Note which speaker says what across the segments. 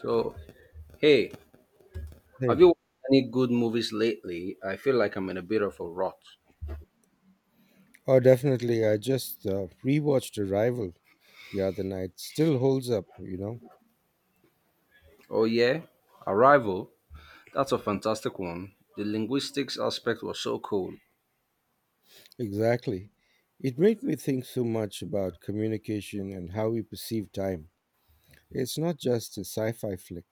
Speaker 1: So, hey, have
Speaker 2: Hey.
Speaker 1: you watched any good movies lately? I feel like I'm in a bit of a rut.
Speaker 2: Oh, definitely. I just rewatched Arrival the other night. Still holds up, you know?
Speaker 1: Oh, yeah? Arrival? That's a fantastic one. The linguistics aspect was so cool.
Speaker 2: Exactly. It made me think so much about communication and how we perceive time. It's not just a sci fi flick.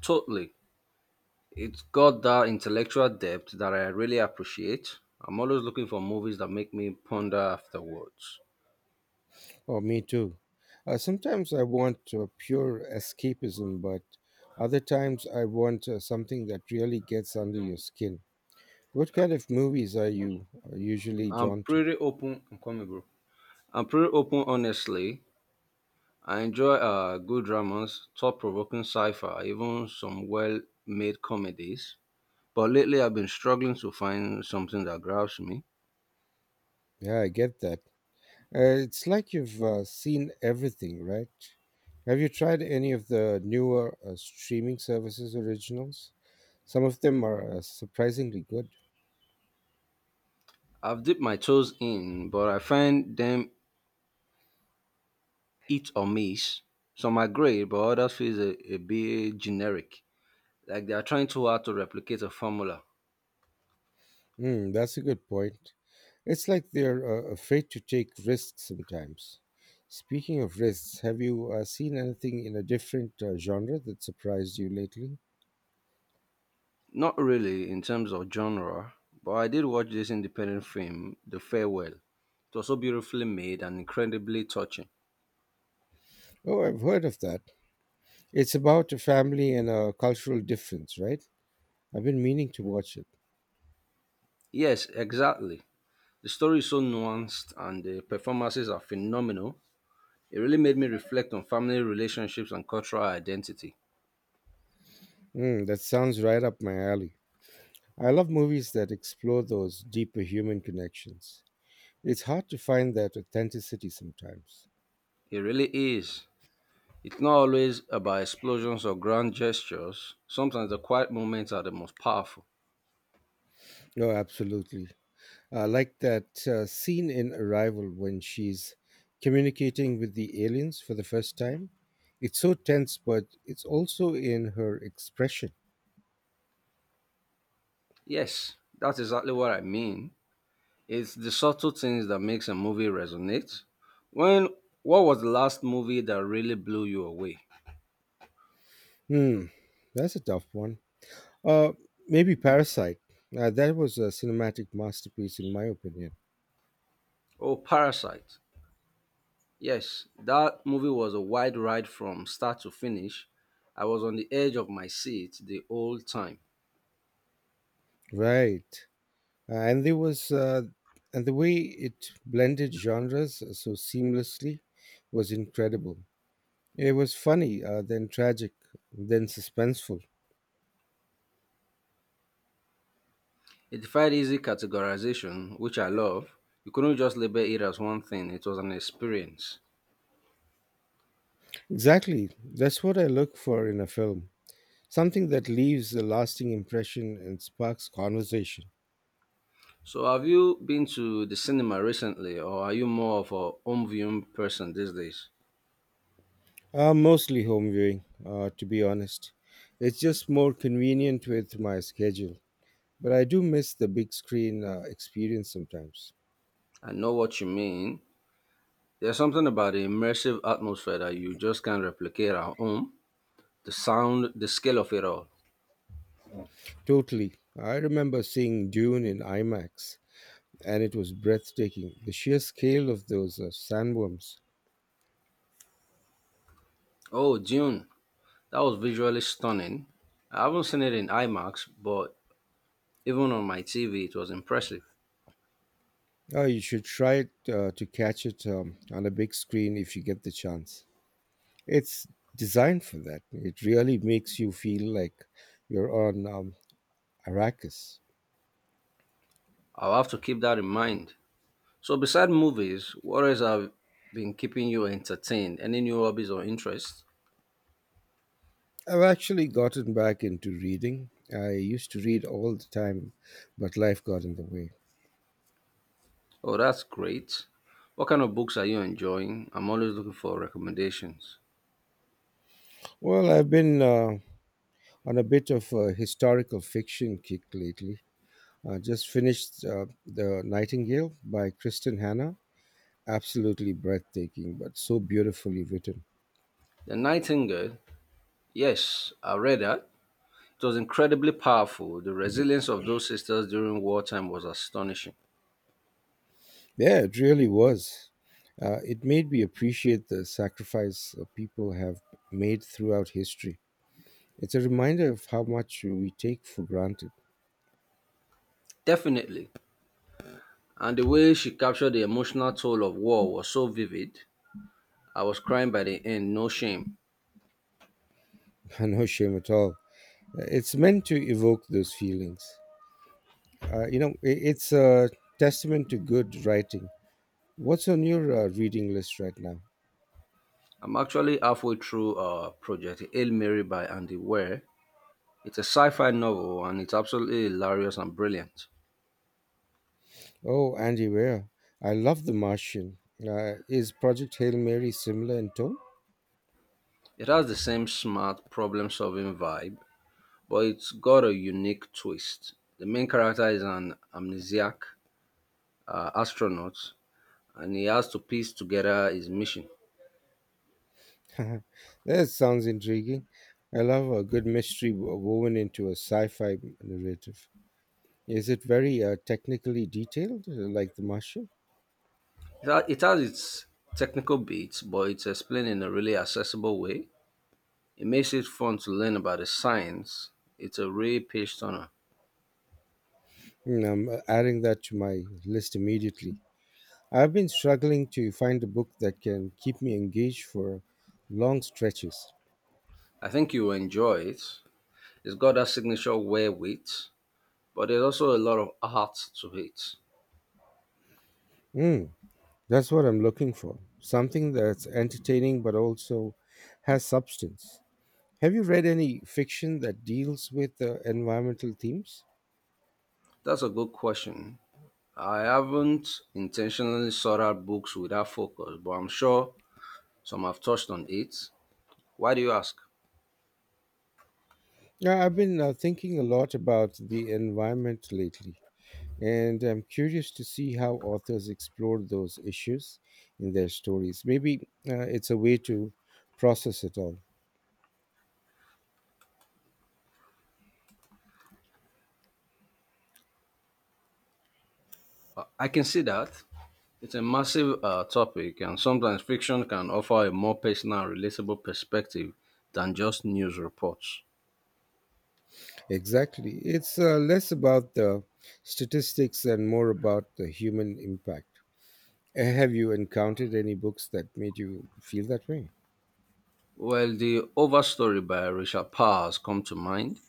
Speaker 1: Totally. It's got that intellectual depth that I really appreciate. I'm always looking for movies that make me ponder afterwards.
Speaker 2: Oh, me too. Sometimes I want pure escapism, but other times I want something that really gets under your skin. What kind of movies are you usually
Speaker 1: I'm
Speaker 2: drawn to?
Speaker 1: pretty open. I'm coming, bro. I'm pretty open, honestly. I enjoy good dramas, thought provoking sci fi, even some well made comedies. But lately, I've been struggling to find something that grabs me.
Speaker 2: Yeah, I get that. It's like you've seen everything, right? Have you tried any of the newer streaming services originals? Some of them are surprisingly good.
Speaker 1: I've dipped my toes in, but I find them hit or miss. Some are great, but others feel a bit generic, like they are trying too hard to replicate a formula.
Speaker 2: Mm, that's a good point. It's like they're afraid to take risks sometimes. Speaking of risks, have you seen anything in a different genre that surprised you lately?
Speaker 1: Not really in terms of genre, but I did watch this independent film, The Farewell. It was so beautifully made and incredibly touching.
Speaker 2: Oh, I've heard of that. It's about a family and a cultural difference, right? I've been meaning to watch it.
Speaker 1: Yes, exactly. The story is so nuanced and the performances are phenomenal. It really made me reflect on family relationships and cultural identity.
Speaker 2: Mm, that sounds right up my alley. I love movies that explore those deeper human connections. It's hard to find that authenticity sometimes.
Speaker 1: It really is. It's not always about explosions or grand gestures. Sometimes the quiet moments are the most powerful.
Speaker 2: No, absolutely. Like that scene in Arrival when she's communicating with the aliens for the first time. It's so tense, but it's also in her expression.
Speaker 1: Yes, that's exactly what I mean. It's the subtle things that makes a movie resonate. When what was the last movie that really blew you away?
Speaker 2: Hmm, that's a tough one. Uh, Maybe Parasite. That was a cinematic masterpiece, in my opinion.
Speaker 1: Oh, Parasite. Yes, that movie was a wide ride from start to finish. I was on the edge of my seat the whole time.
Speaker 2: Right. And there was and the way it blended genres so seamlessly was incredible. It was funny, then tragic, then suspenseful.
Speaker 1: It defied easy categorization, which I love. You couldn't just label it as one thing, it was an experience.
Speaker 2: Exactly, that's what I look for in a film, something that leaves a lasting impression and sparks conversation.
Speaker 1: So, have you been to the cinema recently, or are you more of a home viewing person these days?
Speaker 2: Mostly home viewing, to be honest. It's just more convenient with my schedule, but I do miss the big screen experience sometimes.
Speaker 1: I know what you mean. There's something about the immersive atmosphere that you just can't replicate at home. The sound, the scale of it all.
Speaker 2: Totally. I remember seeing Dune in IMAX and it was breathtaking. The sheer scale of those sandworms.
Speaker 1: Oh, Dune, that was visually stunning. I haven't seen it in IMAX, but even on my TV, it was impressive.
Speaker 2: Oh, you should try it, to catch it on a big screen if you get the chance. It's designed for that. It really makes you feel like you're on Arrakis.
Speaker 1: I'll have to keep that in mind. So, beside movies, what else have been keeping you entertained? Any new hobbies or interests?
Speaker 2: I've actually gotten back into reading. I used to read all the time, but life got in the way.
Speaker 1: Oh, that's great. What kind of books are you enjoying? I'm always looking for recommendations.
Speaker 2: Well, I've been on a bit of a historical fiction kick lately. I just finished The Nightingale by Kristen Hanna. Absolutely breathtaking, but so beautifully written.
Speaker 1: The Nightingale, yes, I read that. It was incredibly powerful. The resilience of those sisters during wartime was astonishing.
Speaker 2: Yeah, it really was. It made me appreciate the sacrifice people have made throughout history. It's a reminder of how much we take for granted.
Speaker 1: Definitely. And the way she captured the emotional toll of war was so vivid. I was crying by the end, no shame.
Speaker 2: No shame at all. It's meant to evoke those feelings. It's a testament to good writing. What's on your reading list right now?
Speaker 1: I'm actually halfway through Project Hail Mary by Andy Weir. It's a sci fi novel and it's absolutely hilarious and brilliant.
Speaker 2: Oh, Andy Weir. I love The Martian. Is Project Hail Mary similar in tone?
Speaker 1: It has the same smart problem solving vibe, but it's got a unique twist. The main character is an amnesiac astronaut and he has to piece together his mission.
Speaker 2: That sounds intriguing. I love a good mystery woven into a sci fi narrative. Is it very technically detailed, like The Martian?
Speaker 1: It has its technical beats, but it's explained in a really accessible way. It makes it fun to learn about the science. It's a real page turner.
Speaker 2: Mm, I'm adding that to my list immediately. I've been struggling to find a book that can keep me engaged for long stretches.
Speaker 1: I think you will enjoy it. It's got that signature wherewith but there's also a lot of art to it.
Speaker 2: Mm, that's what I'm looking for. Something that's entertaining but also has substance. Have you read any fiction that deals with environmental themes?
Speaker 1: That's a good question. I haven't intentionally sought out books with that focus, but I'm sure some have touched on it. Why do you ask?
Speaker 2: Yeah, I've been thinking a lot about the environment lately, and I'm curious to see how authors explore those issues in their stories. Maybe it's a way to process it all.
Speaker 1: I can see that. It's a massive topic, and sometimes fiction can offer a more personal and relatable perspective than just news reports.
Speaker 2: Exactly. It's less about the statistics and more about the human impact. Have you encountered any books that made you feel that way?
Speaker 1: Well, the Overstory by Richard Parr has come to mind.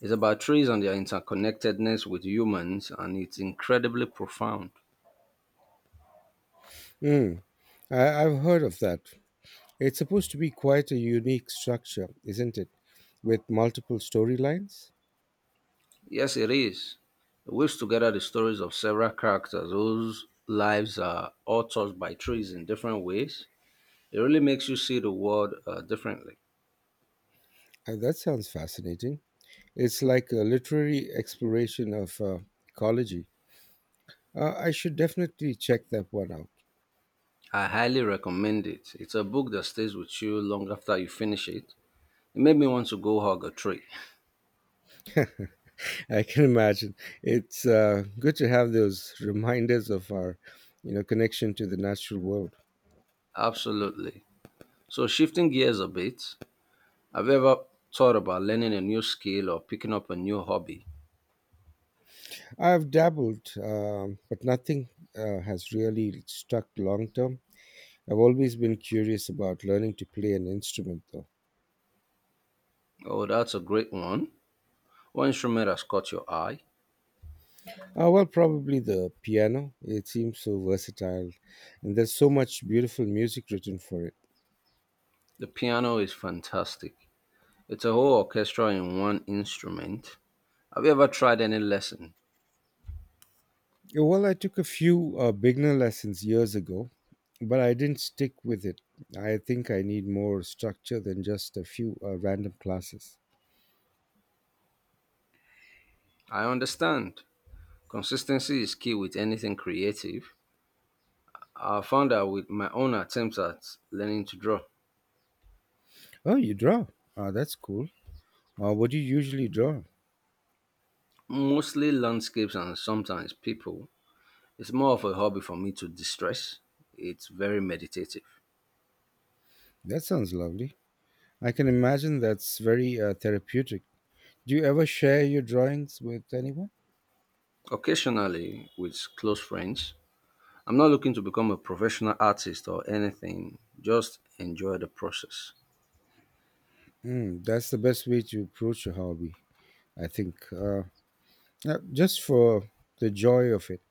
Speaker 1: It's about trees and their interconnectedness with humans, and it's incredibly profound.
Speaker 2: Mm, I've heard of that. It's supposed to be quite a unique structure, isn't it? With multiple storylines?
Speaker 1: Yes, it is. It weaves together the stories of several characters whose lives are all touched by trees in different ways. It really makes you see the world differently.
Speaker 2: That sounds fascinating. It's like a literary exploration of ecology. I should definitely check that one out.
Speaker 1: I highly recommend it. It's a book that stays with you long after you finish it. It made me want to go hug a tree.
Speaker 2: I can imagine. It's good to have those reminders of our, you know, connection to the natural world.
Speaker 1: Absolutely. So, shifting gears a bit, have you ever thought about learning a new skill or picking up a new hobby?
Speaker 2: I've dabbled, but nothing has really stuck long term. I've always been curious about learning to play an instrument, though.
Speaker 1: Oh, that's a great one. What instrument has caught your eye?
Speaker 2: Well, probably the piano. It seems so versatile, and there's so much beautiful music written for it.
Speaker 1: The piano is fantastic. It's a whole orchestra in one instrument. Have you ever tried any lesson?
Speaker 2: Yeah. Well, I took a few beginner lessons years ago, but I didn't stick with it. I think I need more structure than just a few random classes.
Speaker 1: I understand. Consistency is key with anything creative. I found out with my own attempts at learning to draw,
Speaker 2: Oh, you draw? Ah, that's cool. What do you usually draw?
Speaker 1: mostly landscapes and sometimes people. It's more of a hobby for me to distress. It's very meditative.
Speaker 2: That sounds lovely. I can imagine that's very therapeutic. Do you ever share your drawings with anyone?
Speaker 1: Occasionally, with close friends, I'm not looking to become a professional artist or anything, just enjoy the process.
Speaker 2: Mm, that's the best way to approach a hobby, I think. Just for the joy of it.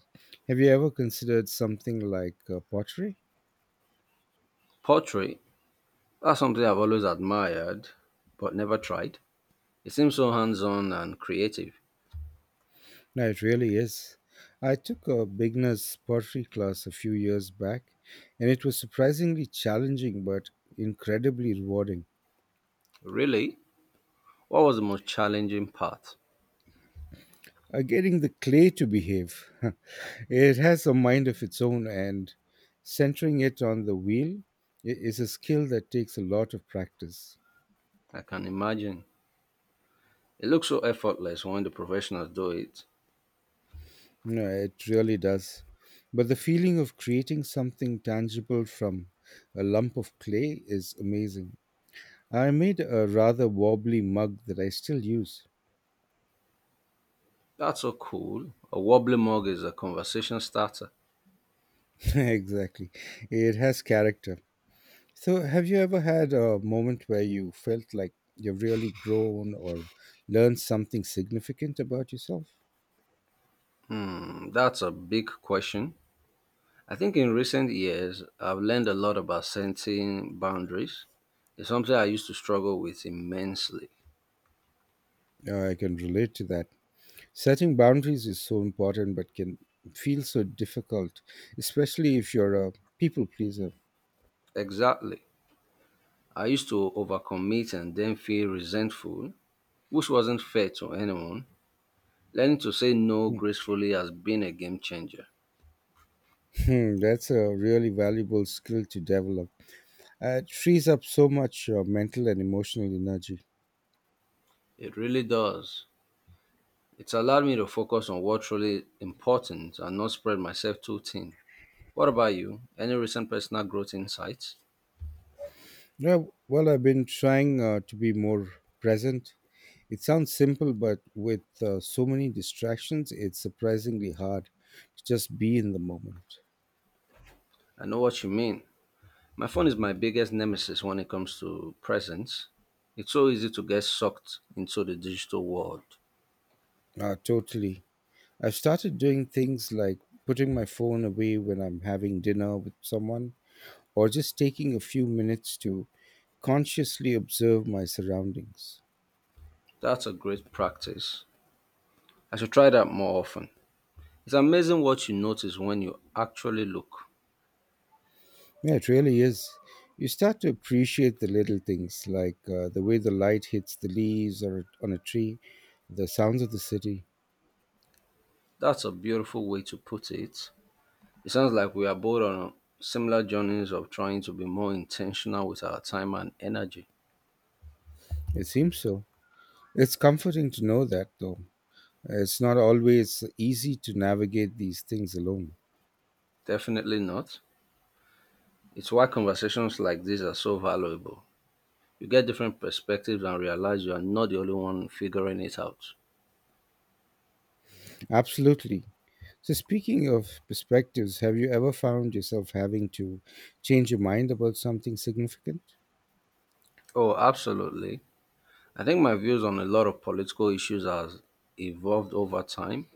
Speaker 2: Have you ever considered something like pottery?
Speaker 1: Pottery. That's something I've always admired but never tried. It seems so hands on and creative.
Speaker 2: No, it really is. I took a beginner's pottery class a few years back, and it was surprisingly challenging but incredibly rewarding.
Speaker 1: Really? What was the most challenging part?
Speaker 2: Getting the clay to behave, it has a mind of its own, and centering it on the wheel is a skill that takes a lot of practice.
Speaker 1: I can imagine. It looks so effortless when the professionals do it.
Speaker 2: No, it really does. But the feeling of creating something tangible from a lump of clay is amazing. I made a rather wobbly mug that I still use.
Speaker 1: That's so cool. A wobbly mug is a conversation starter.
Speaker 2: Exactly. It has character. So, have you ever had a moment where you felt like you've really grown or learned something significant about yourself?
Speaker 1: Mm, that's a big question. I think in recent years, I've learned a lot about setting boundaries. It's something I used to struggle with immensely.
Speaker 2: I can relate to that. Setting boundaries is so important, but can feel so difficult, especially if you're a people pleaser.
Speaker 1: Exactly. I used to overcommit and then feel resentful, which wasn't fair to anyone. Learning to say no
Speaker 2: Hmm,
Speaker 1: gracefully has been a game changer.
Speaker 2: That's a really valuable skill to develop. It frees up so much mental and emotional energy.
Speaker 1: It really does. It's allowed me to focus on what's truly important and not spread myself too thin. What about you? Any recent personal growth insights?
Speaker 2: Yeah, well, I've been trying to be more present. It sounds simple, but with so many distractions, it's surprisingly hard to just be in the moment.
Speaker 1: I know what you mean. My phone is my biggest nemesis when it comes to presents. It's so easy to get sucked into the digital world.
Speaker 2: Totally. I've started doing things like putting my phone away when I'm having dinner with someone, or just taking a few minutes to consciously observe my surroundings.
Speaker 1: That's a great practice. I should try that more often. It's amazing what you notice when you actually look.
Speaker 2: Yeah, it really is. You start to appreciate the little things like the way the light hits the leaves or on a tree, the sounds of the city.
Speaker 1: That's a beautiful way to put it. It sounds like we are both on similar journeys of trying to be more intentional with our time and energy.
Speaker 2: It seems so. It's comforting to know that, though. It's not always easy to navigate these things alone.
Speaker 1: Definitely not. It's why conversations like these are so valuable. You get different perspectives and realize you are not the only one figuring it out.
Speaker 2: Absolutely. So, speaking of perspectives, have you ever found yourself having to change your mind about something significant?
Speaker 1: Oh, absolutely. I think my views on a lot of political issues has evolved over time.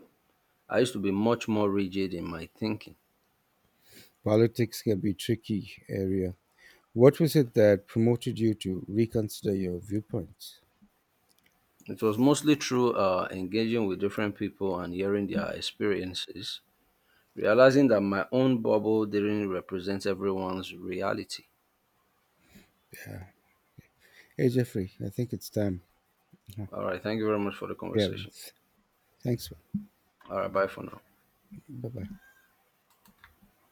Speaker 1: I used to be much more rigid in my thinking.
Speaker 2: Politics can be tricky area. What was it that promoted you to reconsider your viewpoints?
Speaker 1: It was mostly through engaging with different people and hearing their experiences, realizing that my own bubble didn't represent everyone's reality.
Speaker 2: Hey, Jeffrey, I think it's time. Uh-huh.
Speaker 1: All right. Thank you very much for the
Speaker 2: Yeah,
Speaker 1: conversation.
Speaker 2: thanks.
Speaker 1: All right. Bye for now.
Speaker 2: Bye bye.